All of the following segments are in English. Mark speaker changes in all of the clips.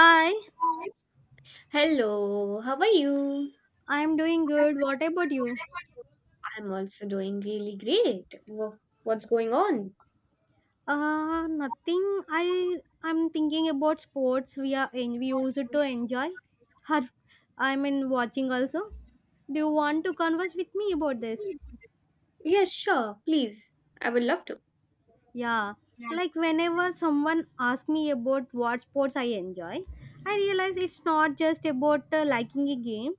Speaker 1: Hi,
Speaker 2: Hello, how are you?
Speaker 1: I'm doing good. What about you?
Speaker 2: I'm also doing really great. What's going on?
Speaker 1: Nothing. I I'm thinking about sports we use it to enjoy. Har, I mean watching also. Do you want to converse with me about this?
Speaker 2: Yes, sure, please. I would love to.
Speaker 1: Yeah, like whenever someone asks me about what sports I enjoy, I realize it's not just about liking a game.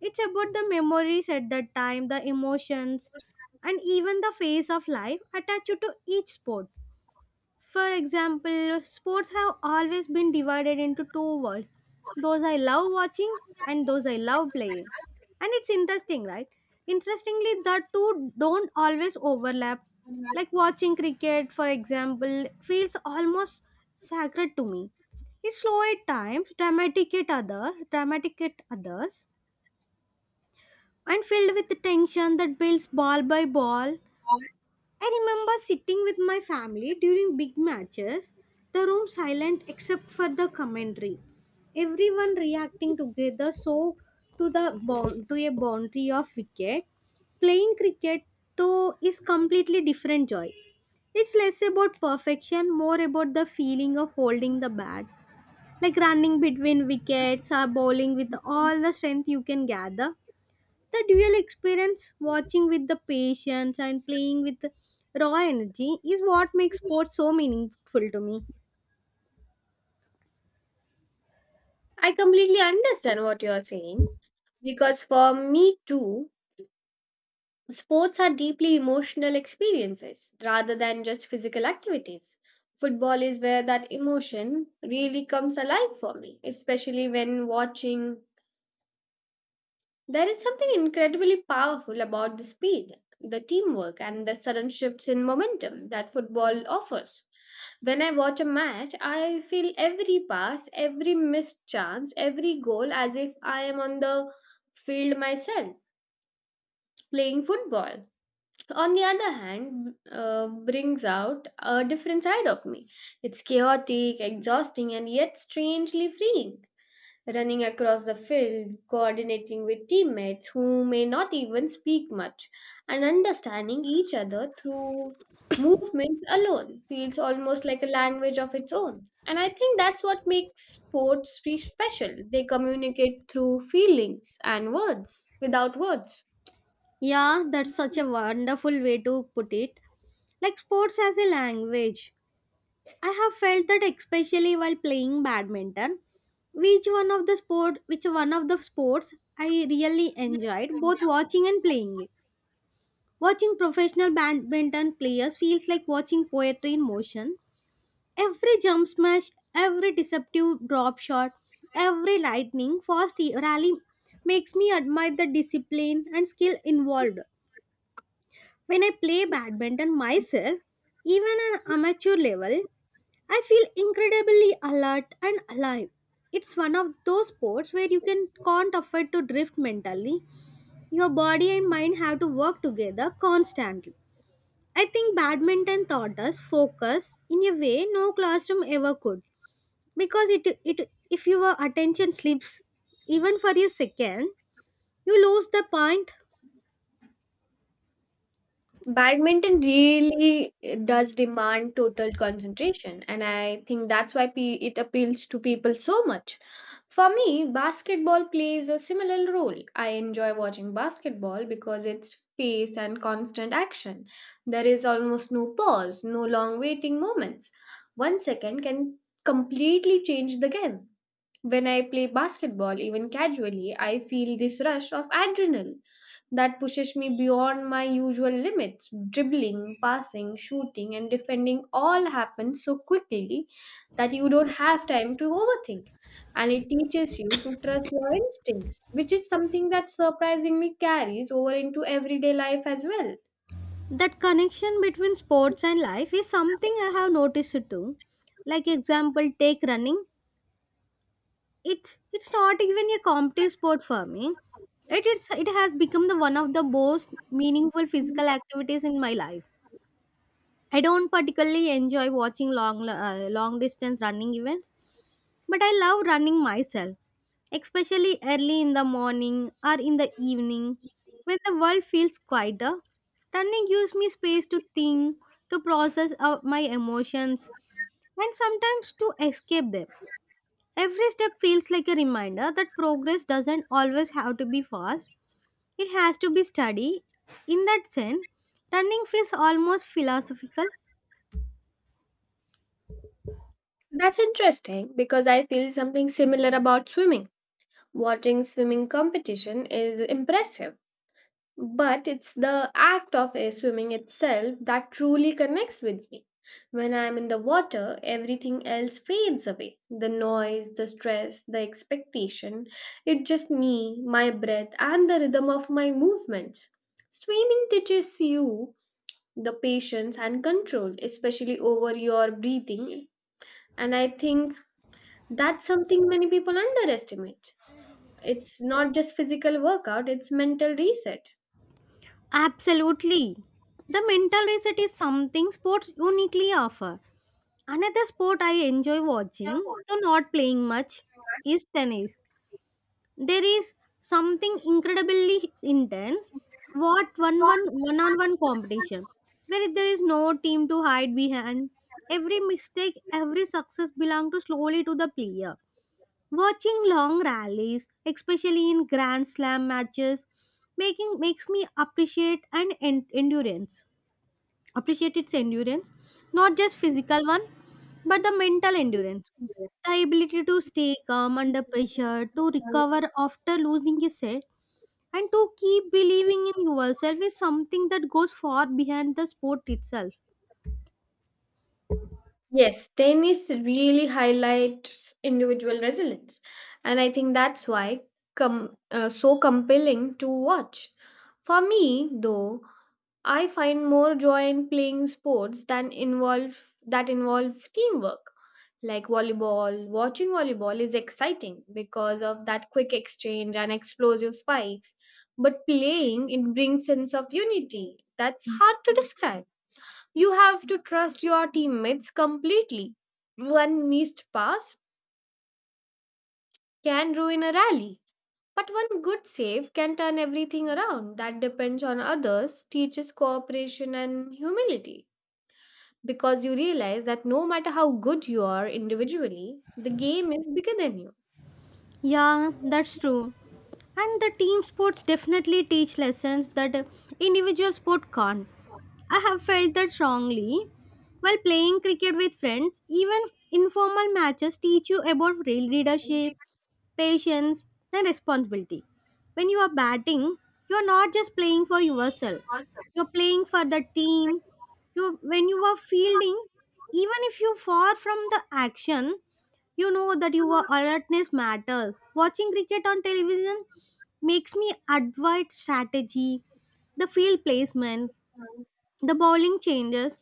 Speaker 1: It's about the memories at that time, the emotions, and even the phase of life attached to each sport. For example, sports have always been divided into two worlds, those I love watching and those I love playing. And it's interesting, right? Interestingly, the two don't always overlap. Like watching cricket, for example, feels almost sacred to me. It's slow at times, dramatic at others, and filled with the tension that builds ball by ball. I remember sitting with my family during big matches, the room silent except for the commentary. Everyone reacting together so to a boundary of wicket. Playing cricket though is completely different joy. It's less about perfection, more about the feeling of holding the bat, like running between wickets or bowling with all the strength you can gather. The dual experience, watching with the patience and playing with raw energy, is what makes sports so meaningful to me.
Speaker 2: I completely understand what you're saying because for me too, sports are deeply emotional experiences rather than just physical activities. Football is where that emotion really comes alive for me, especially when watching. There is something incredibly powerful about the speed, the teamwork, and the sudden shifts in momentum that football offers. When I watch a match, I feel every pass, every missed chance, every goal as if I am on the field myself playing football. On the other hand, brings out a different side of me. It's chaotic, exhausting, and yet strangely freeing, running across the field, coordinating with teammates who may not even speak much, and understanding each other through movements alone feels almost like a language of its own. And I think that's what makes sports be special. They communicate through feelings and words without words.
Speaker 1: Yeah, that's such a wonderful way to put it. Like sports as a language. I have felt that especially while playing badminton, which one of the sports I really enjoyed both watching and playing it. Watching professional badminton players feels like watching poetry in motion. Every jump smash, every deceptive drop shot, every lightning fast e- rally makes me admire the discipline and skill involved. When I play badminton myself, even on amateur level, I feel incredibly alert and alive. It's one of those sports where you can can't afford to drift mentally. Your body and mind have to work together constantly. I think badminton taught us focus in a way no classroom ever could, because it if your attention slips even for a second, you lose the point.
Speaker 2: Badminton really does demand total concentration, and I think that's why it appeals to people so much. For me, basketball plays a similar role. I enjoy watching basketball because it's pace and constant action. There is almost no pause, no long waiting moments. 1 second can completely change the game. When I play basketball, even casually, I feel this rush of adrenaline that pushes me beyond my usual limits. Dribbling, passing, shooting, and defending all happen so quickly that you don't have time to overthink. And it teaches you to trust your instincts, which is something that surprisingly carries over into everyday life as well.
Speaker 1: That connection between sports and life is something I have noticed too. Like example, take running. It's not even a competitive sport for me. It has become the one of the most meaningful physical activities in my life. I don't particularly enjoy watching long long distance running events. But I love running myself, especially early in the morning or in the evening when the world feels quieter. Running gives me space to think, to process out my emotions, and sometimes to escape them. Every step feels like a reminder that progress doesn't always have to be fast, it has to be steady. In that sense, running feels almost philosophical.
Speaker 2: That's interesting because I feel something similar about swimming. Watching swimming competition is impressive, but it's the act of air swimming itself that truly connects with me. When I'm in the water, everything else fades away, the noise, the stress, the expectation. It's just me, my breath, and the rhythm of my movements. Swimming teaches you the patience and control, especially over your breathing. And I think that's something many people underestimate. It's not just physical workout, it's mental reset.
Speaker 1: Absolutely. The mental reset is something sports uniquely offer. Another sport I enjoy watching, though not playing much, is tennis. There is something incredibly intense, what one on one competition, where there is no team to hide behind. Every mistake, every success belong to slowly to the player. Watching long rallies, especially in Grand Slam matches, making makes me endurance. Appreciate its endurance, not just physical one, but the mental endurance. The ability to stay calm under pressure, to recover after losing a set, and to keep believing in yourself is something that goes far behind the sport itself.
Speaker 2: Yes, tennis really highlights individual resilience, and I think that's why so compelling to watch. For me, though, I find more joy in playing sports than involve that involve teamwork. Like volleyball, watching volleyball is exciting because of that quick exchange and explosive spikes. But playing, it brings sense of unity that's hard to describe. You have to trust your teammates completely. One missed pass can ruin a rally, but one good save can turn everything around. That depends on others, teaches cooperation and humility. Because you realize that no matter how good you are individually, the game is bigger than you.
Speaker 1: Yeah, that's true. And the team sports definitely teach lessons that individual sport can't. I have felt that strongly. While playing cricket with friends, even informal matches teach you about real leadership, patience, and responsibility. When you are batting, you are not just playing for yourself, you're playing for the team. You, when you are fielding, even if you far from the action, you know that your alertness matters. Watching cricket on television makes me advise strategy, the field placement, the bowling changes,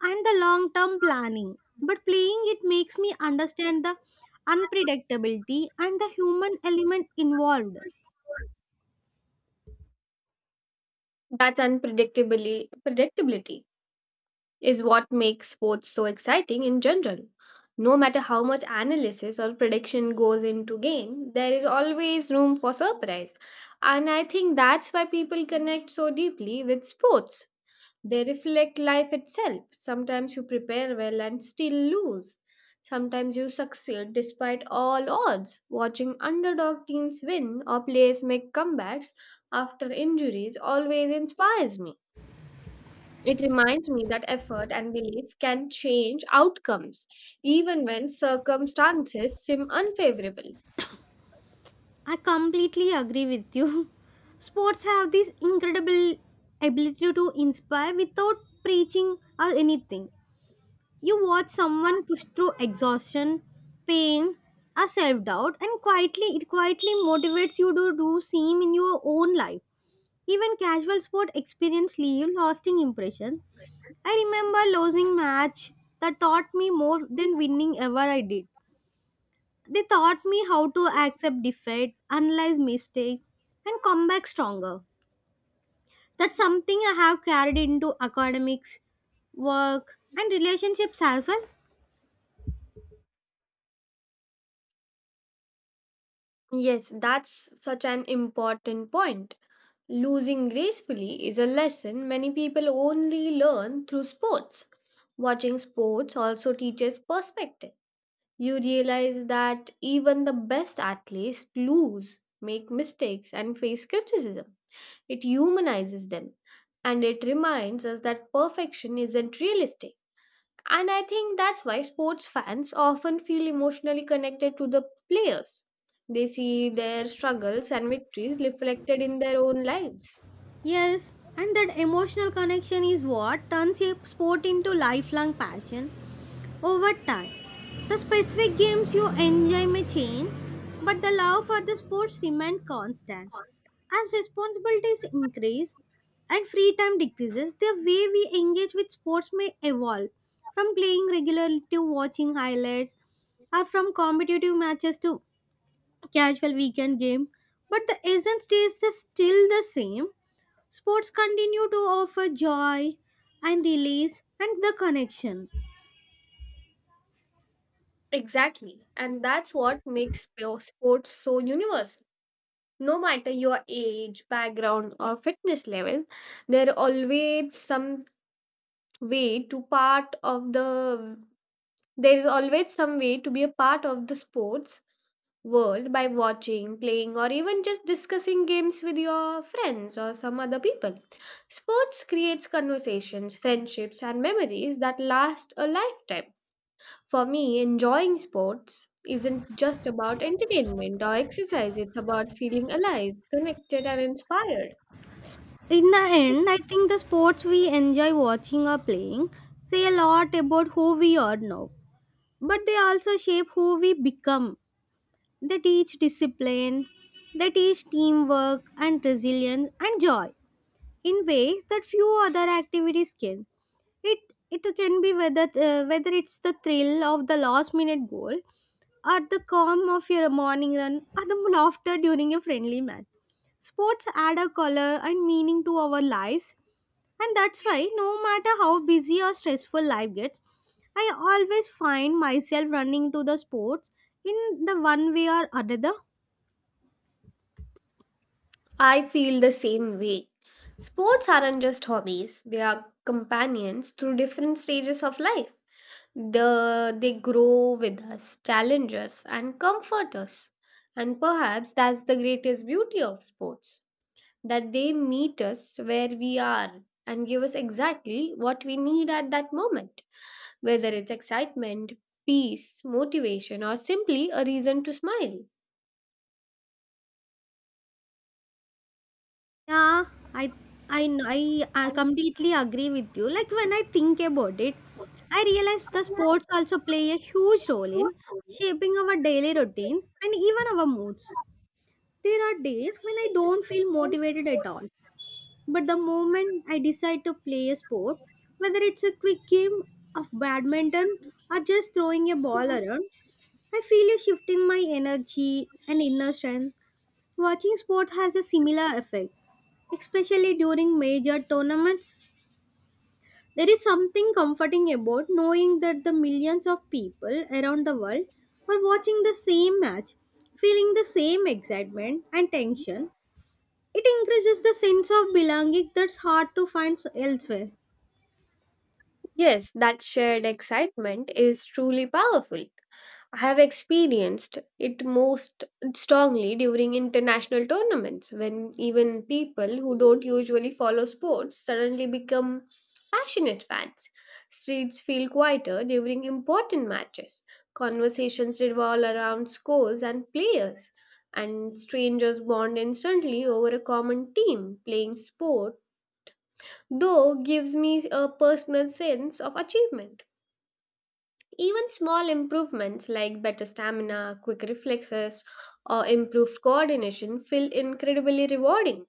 Speaker 1: and the long term planning. But playing it makes me understand the unpredictability and the human element involved.
Speaker 2: That's unpredictably predictability. Is what makes sports so exciting in general. No matter how much analysis or prediction goes into game, there is always room for surprise. And I think that's why people connect so deeply with sports. They reflect life itself. Sometimes you prepare well and still lose. Sometimes you succeed despite all odds. Watching underdog teams win or players make comebacks after injuries always inspires me. It reminds me that effort and belief can change outcomes, even when circumstances seem unfavorable.
Speaker 1: I completely agree with you. Sports have this incredible ability to inspire without preaching or anything. You watch someone push through exhaustion, pain, or self doubt, and quietly it quietly motivates you to do same in your own life. Even casual sport experience leave lasting impression. I remember losing match that taught me more than winning ever I did. They taught me how to accept defeat, analyze mistakes, and come back stronger. That's something I have carried into academics, work, and relationships as well.
Speaker 2: Yes, that's such an important point. Losing gracefully is a lesson many people only learn through sports. Watching sports also teaches perspective. You realize that even the best athletes lose, make mistakes, and face criticism. It humanizes them, and it reminds us that perfection isn't realistic. And I think that's why sports fans often feel emotionally connected to the players. They see their struggles and victories reflected in their own lives.
Speaker 1: Yes, and that emotional connection is what turns a sport into lifelong passion over time. The specific games you enjoy may change, but the love for the sports remains constant. As responsibilities increase and free time decreases, the way we engage with sports may evolve from playing regularly to watching highlights, or from competitive matches to casual weekend game, but the essence stays still the same. Sports continue to offer joy and release and the connection.
Speaker 2: Exactly. And that's what makes pure sports so universal. No matter your age, background, or fitness level, there always some way to part of the there is always some way to be a part of the sports world by watching, playing, or even just discussing games with your friends or some other people. Sports creates conversations, friendships, and memories that last a lifetime. For me, enjoying sports isn't just about entertainment or exercise, it's about feeling alive, connected, and inspired.
Speaker 1: In the end, I think the sports we enjoy watching or playing say a lot about who we are now, but they also shape who we become. They teach discipline, they teach teamwork and resilience and joy, in ways that few other activities can. It it can be whether whether it's the thrill of the last minute goal, or the calm of your morning run, or the laughter during a friendly match. Sports add a color and meaning to our lives, and that's why no matter how busy or stressful life gets, I always find myself running to the sports in the one way or another.
Speaker 2: I feel the same way. Sports aren't just hobbies, they are companions through different stages of life. They grow with us, challenge us, and comfort us. And perhaps that's the greatest beauty of sports, that they meet us where we are and give us exactly what we need at that moment, whether it's excitement, peace, motivation, or simply a reason to smile.
Speaker 1: Yeah, I I kn- I completely agree with you. Like when I think about it, I realize the sports also play a huge role in shaping our daily routines and even our moods. There are days when I don't feel motivated at all, but the moment I decide to play a sport, whether it's a quick game of badminton or just throwing a ball around, I feel a shift in my energy and inner strength. Watching sport has a similar effect, especially during major tournaments. There is something comforting about knowing that the millions of people around the world are watching the same match, feeling the same excitement and tension. It increases the sense of belonging that's hard to find elsewhere.
Speaker 2: Yes, that shared excitement is truly powerful. I have experienced it most strongly during international tournaments when even people who don't usually follow sports suddenly become passionate fans. Streets feel quieter during important matches. Conversations revolve around scores and players, and strangers bond instantly over a common team playing sport, though gives me a personal sense of achievement. Even small improvements like better stamina, quick reflexes, or improved coordination feel incredibly rewarding.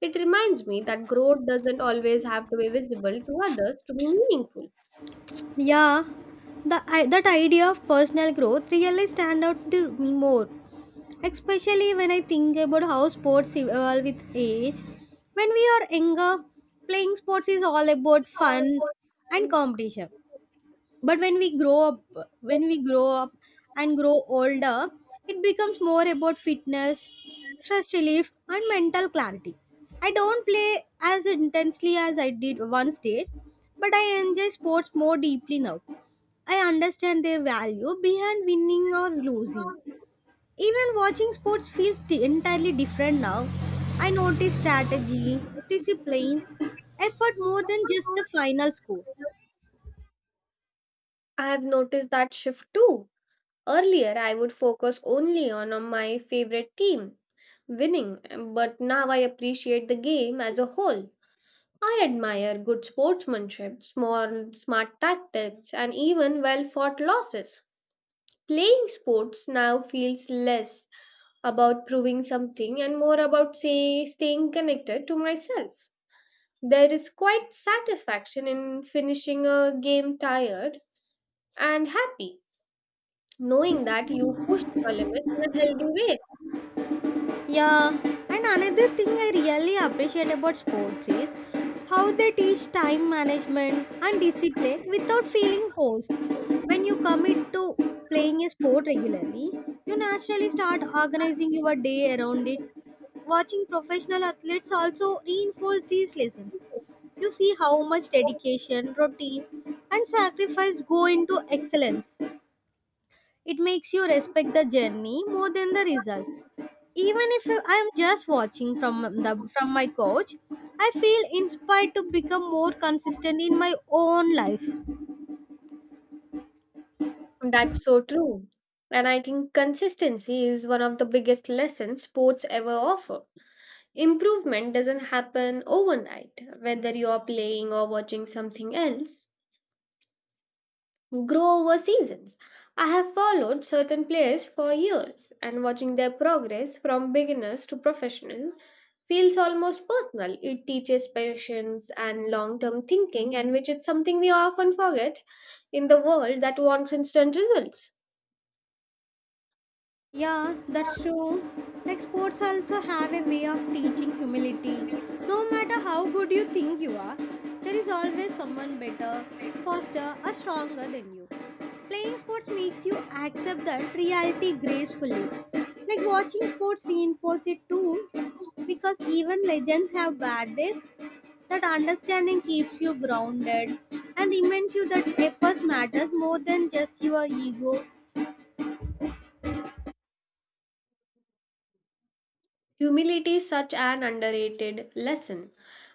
Speaker 2: It reminds me that growth doesn't always have to be visible to others to be meaningful.
Speaker 1: Yeah, that idea of personal growth really stand out to me more, especially when I think about how sports evolve with age. When we are younger, playing sports is all about fun and competition. But when we grow up and grow older, it becomes more about fitness, stress relief, and mental clarity. I don't play as intensely as I did once did, but I enjoy sports more deeply now. I understand their value behind winning or losing. Even watching sports feels entirely different now. I notice strategy, discipline, effort more than just the final score.
Speaker 2: I have noticed that shift too. Earlier, I would focus only on my favorite team winning, but now I appreciate the game as a whole. I admire good sportsmanship, small, smart tactics, and even well fought losses. Playing sports now feels less about proving something and more about say staying connected to myself. There is quite satisfaction in finishing a game tired and happy, knowing that you pushed your limits in a healthy way.
Speaker 1: Yeah, and another thing I really appreciate about sports is how they teach time management and discipline without feeling forced. When you commit to playing a sport regularly, you naturally start organizing your day around it. Watching professional athletes also reinforce these lessons. You see how much dedication, routine, and sacrifice go into excellence. It makes you respect the journey more than the result, even if I am just watching from my couch. I feel inspired to become more consistent in my own life.
Speaker 2: That's so true. And I think consistency is one of the biggest lessons sports ever offer. Improvement doesn't happen overnight, whether you are playing or watching something else. Grow over seasons. I have followed certain players for years, and watching their progress from beginners to professional feels almost personal. It teaches patience and long term thinking, and which is something we often forget in the world that wants instant results.
Speaker 1: Yeah, that's true. Like sports also have a way of teaching humility. No matter how good you think you are, there is always someone better, faster, or stronger than you. Playing sports makes you accept that reality gracefully. Like watching sports reinforce it too, because even legends have bad days. That understanding keeps you grounded and reminds you that efforts matters more than just your ego.
Speaker 2: Humility is such an underrated lesson,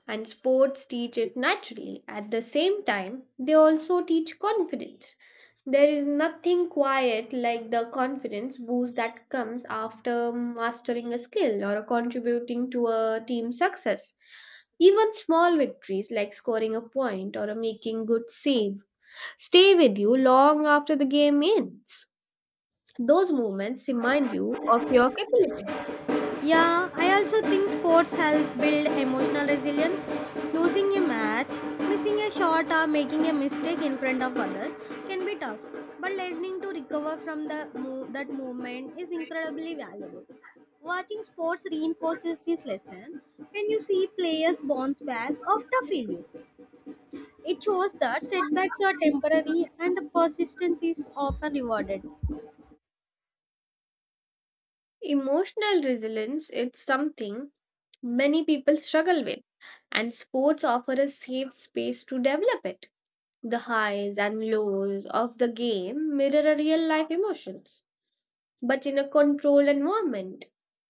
Speaker 2: and sports teach it naturally. At the same time, they also teach confidence. There is nothing quiet like the confidence boost that comes after mastering a skill or contributing to a team success. Even small victories like scoring a point or making good save stay with you long after the game ends. Those moments remind you of your capability.
Speaker 1: Yeah, I also think sports help build emotional resilience. Losing a match, missing a shot, or making a mistake in front of others can be tough, but learning to recover from that movement is incredibly valuable. Watching sports reinforces this lesson. When you see players bounce back after failure, it shows that setbacks are temporary and the persistence is often rewarded.
Speaker 2: Emotional resilience is something many people struggle with, and sports offer a safe space to develop it. The highs and lows of the game mirror a real life emotions, but in a controlled environment.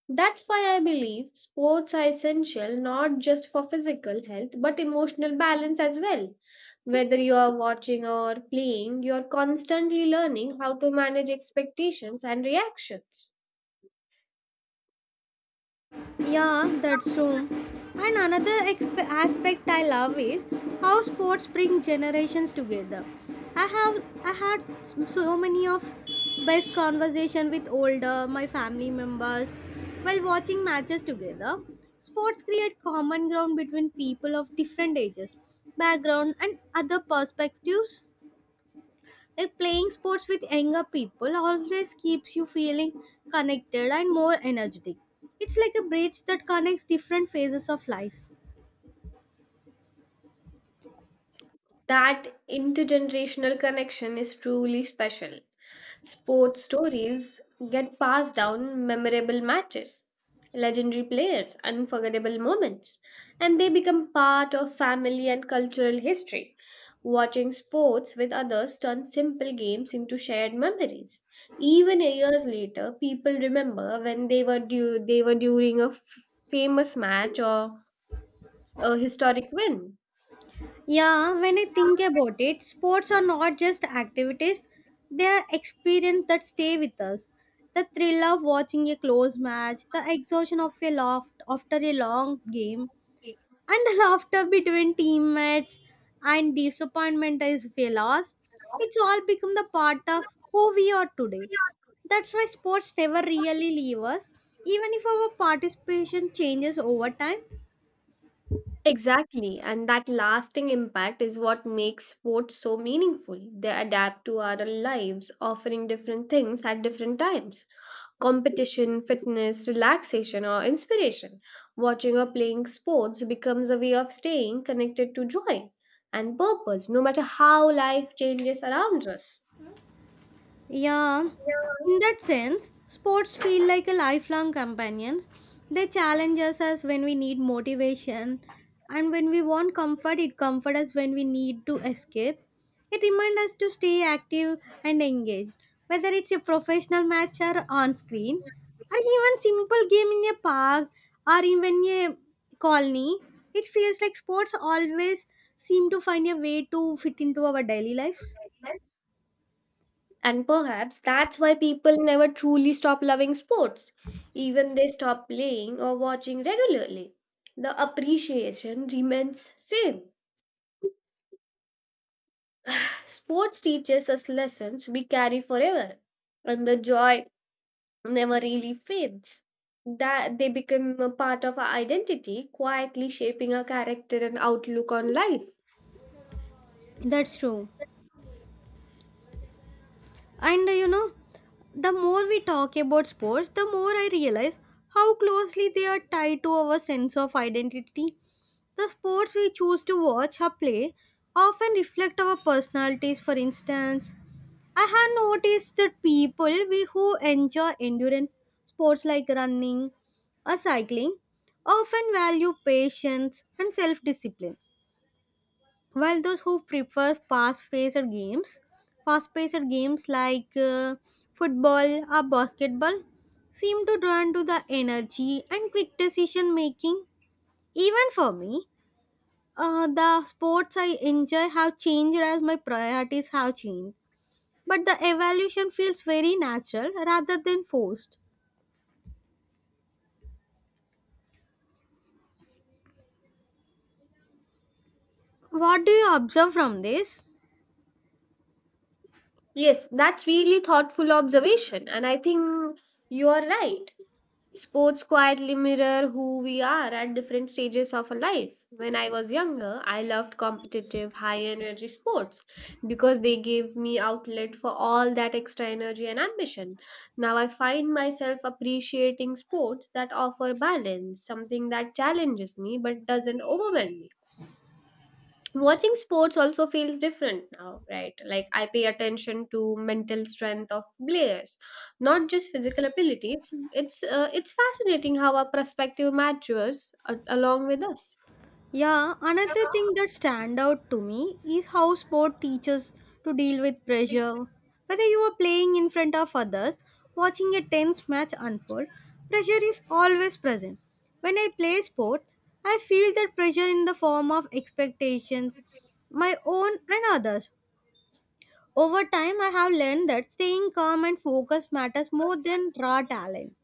Speaker 2: That's why I believe sports are essential not just for physical health but emotional balance as well. Whether you are watching or playing, you are constantly learning how to manage expectations and reactions.
Speaker 1: Yeah, that's true. And another aspect I love is how sports bring generations together. I have I had s- so many of best conversation with older my family members while watching matches together. Sports create common ground between people of different ages, background and other perspectives. Like playing sports with younger people always keeps you feeling connected and more energetic. It's like a bridge that connects different phases of life.
Speaker 2: That intergenerational connection is truly special. Sports stories get passed down memorable matches, legendary players, unforgettable moments, and they become part of family and cultural history. Watching sports with others turns simple games into shared memories. Even years later, people remember when they were during a famous match or a historic win.
Speaker 1: Yeah, when I think about it, sports are not just activities, they are experiences that stay with us. The thrill of watching a close match, the exhaustion of a loft after a long game, and the laughter between teammates and disappointment as fellows, it's all become the part of who we are today. That's why sports never really leave us, even if our participation changes over time.
Speaker 2: Exactly, and that lasting impact is what makes sports so meaningful. They adapt to our lives, offering different things at different times, competition, fitness, relaxation, or inspiration. Watching or playing sports becomes a way of staying connected to joy and purpose, no matter how life changes around us.
Speaker 1: Yeah, in that sense, sports feel like a lifelong companions. They challenge us as when we need motivation, and when we want comfort, it comforts us when we need to escape. It reminds us to stay active and engaged, whether it's a professional match or on screen, or even simple game in a park or even a colony. It feels like sports always seem to find a way to fit into our daily lives.
Speaker 2: And perhaps that's why people never truly stop loving sports. Even they stop playing or watching regularly. The appreciation remains same. Sports teaches us lessons we carry forever, and the joy never really fades. That they become a part of our identity, quietly shaping our character and outlook on life.
Speaker 1: That's true. And the more we talk about sports, the more I realize how closely they are tied to our sense of identity. The sports we choose to watch or play often reflect our personalities. For instance, I have noticed that people we who enjoy endurance sports like running or cycling often value patience and self discipline while those who prefer fast-paced games like football or basketball seem to run to the energy and quick decision making. Even for me, the sports I enjoy have changed as my priorities have changed. But the evolution feels very natural rather than forced. What do you observe from this?
Speaker 2: Yes, that's really thoughtful observation, and I think you are right. Sports quietly mirror who we are at different stages of our life. When I was younger, I loved competitive, high energy sports because they gave me outlet for all that extra energy and ambition. Now I find myself appreciating sports that offer balance, something that challenges me but doesn't overwhelm me. Watching sports also feels different now, right? Like I pay attention to mental strength of players, not just physical abilities. It's it's fascinating how our perspective matures along with us.
Speaker 1: Yeah, another thing that stand out to me is how sport teaches to deal with pressure. Whether you are playing in front of others, watching a tense match unfold, pressure is always present. When I play sport, I feel that pressure in the form of expectations, my own and others. Over time, I have learned that staying calm and focused matters more than raw talent.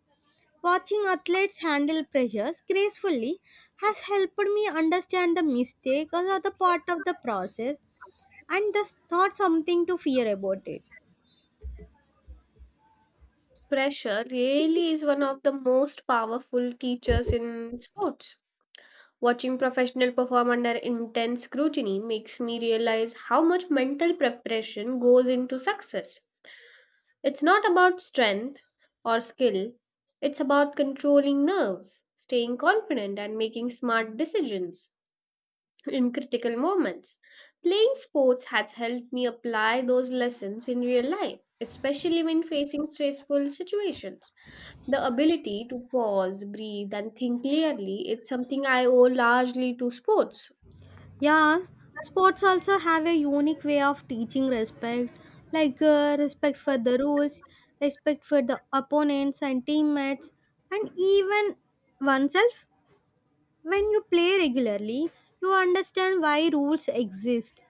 Speaker 1: Watching athletes handle pressures gracefully has helped me understand the mistakes are the part of the process and that's not something to fear about it.
Speaker 2: Pressure really is one of the most powerful teachers in sports. Watching professional perform under intense scrutiny makes me realize how much mental preparation goes into success. It's not about strength or skill, it's about controlling nerves, staying confident, and making smart decisions in critical moments. Playing sports has helped me apply those lessons in real life, especially when facing stressful situations. The ability to pause, breathe, and think clearly is something I owe largely to sports.
Speaker 1: Yeah, sports also have a unique way of teaching respect, like respect for the rules, respect for the opponents and teammates, and even oneself. When you play regularly, you understand why rules exist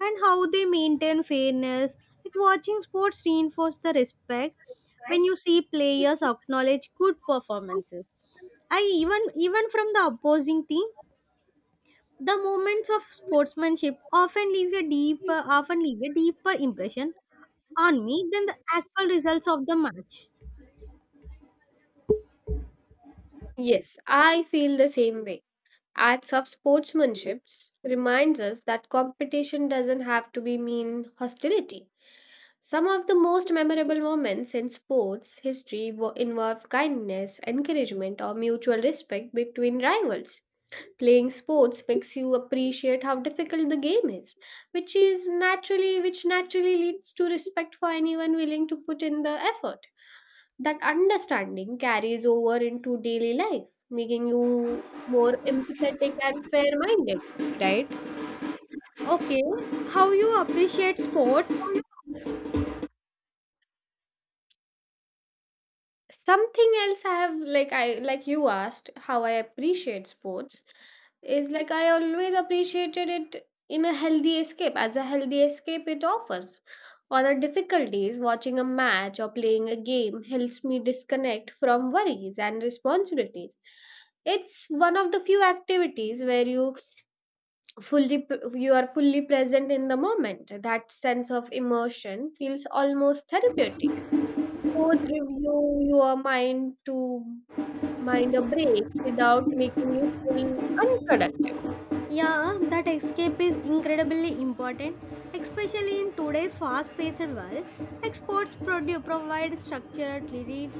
Speaker 1: and how they maintain fairness. Like watching sports reinforce the respect when you see players acknowledge good performances. I even even from the opposing team, the moments of sportsmanship often leave a deeper impression on me than the actual results of the match.
Speaker 2: Yes, I feel the same way. Acts of sportsmanships reminds us that competition doesn't have to be mean hostility. Some of the most memorable moments in sports history involve kindness, encouragement, or mutual respect between rivals. Playing sports makes you appreciate how difficult the game is, which naturally leads to respect for anyone willing to put in the effort. That understanding carries over into daily life, making you more empathetic and fair-minded, right?
Speaker 1: Okay, how you appreciate sports?
Speaker 2: Something else I have like I like you asked how I appreciate sports is like I always appreciated it in a healthy escape as a healthy escape it offers. On our difficult days, watching a match or playing a game helps me disconnect from worries and responsibilities. It's one of the few activities where fully p- you are fully present in the moment. That sense of immersion feels almost therapeutic. Sports give you your mind to mind a break without making you feel unproductive.
Speaker 1: Yeah, that escape is incredibly important, especially in today's fast-paced world. Like sports provide structured relief.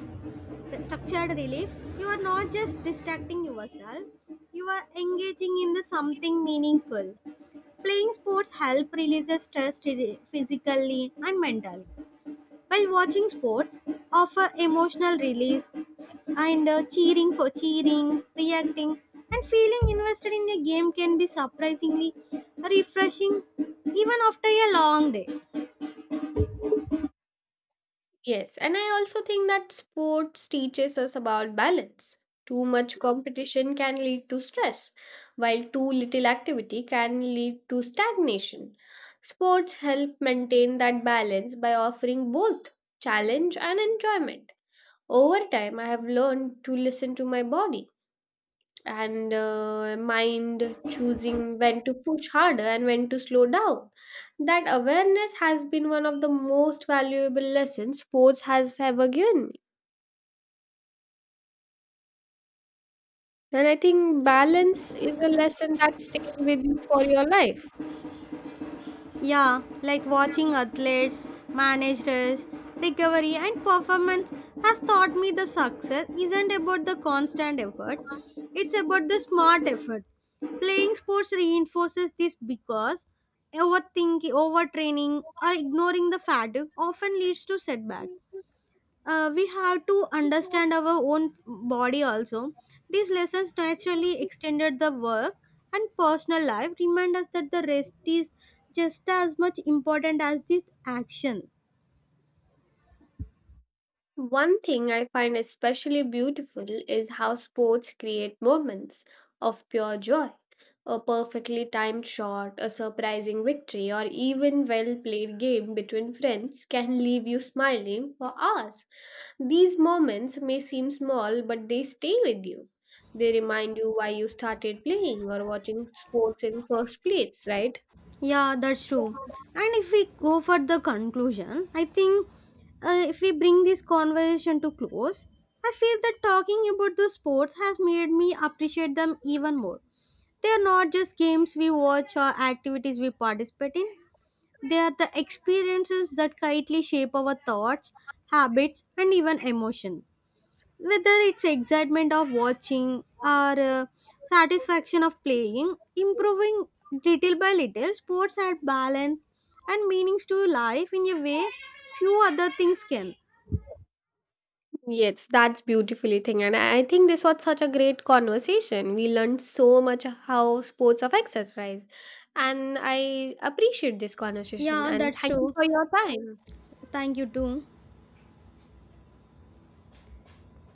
Speaker 1: Structured relief. You are not just distracting yourself; you are engaging in the something meaningful. Playing sports help release stress physically and mentally. While watching sports offer emotional release and cheering, reacting, and feeling invested in a game can be surprisingly refreshing even after a long day.
Speaker 2: Yes, and I also think that sports teaches us about balance. Too much competition can lead to stress, while too little activity can lead to stagnation. Sports help maintain that balance by offering both challenge and enjoyment. Over time, I have learned to listen to my body and mind, choosing when to push harder and when to slow down. That awareness has been one of the most valuable lessons sports has ever given me. And I think balance is a lesson that stays with you for your life.
Speaker 1: Yeah, like watching athletes, managers, recovery, and performance has taught me the success isn't about the constant effort, it's about the smart effort. Playing sports reinforces this because overthinking, overtraining, or ignoring the fatigue often leads to setbacks we have to understand our own body also. These lessons naturally extended the work and personal life, remind us that the rest is just as much important as this action.
Speaker 2: One thing I find especially beautiful is how sports create moments of pure joy. A perfectly timed shot, a surprising victory, or even well played game between friends can leave you smiling for hours. These moments may seem small, but they stay with you. They remind you why you started playing or watching sports in first place, right?
Speaker 1: Yeah, that's true. And if we go for the conclusion, I think if we bring this conversation to close, I feel that talking about the sports has made me appreciate them even more. They are not just games we watch or activities we participate in, they are the experiences that quietly shape our thoughts, habits, and even emotion. Whether it's excitement of watching or satisfaction of playing, improving little by little, sports add balance and meanings to life in a way few other things can.
Speaker 2: Yes, that's beautifully thing. And I think this was such a great conversation. We learned so much how sports affects us, right? And I appreciate this conversation
Speaker 1: Yeah,
Speaker 2: and
Speaker 1: that's
Speaker 2: thank you
Speaker 1: true.
Speaker 2: for your time.
Speaker 1: Thank you too.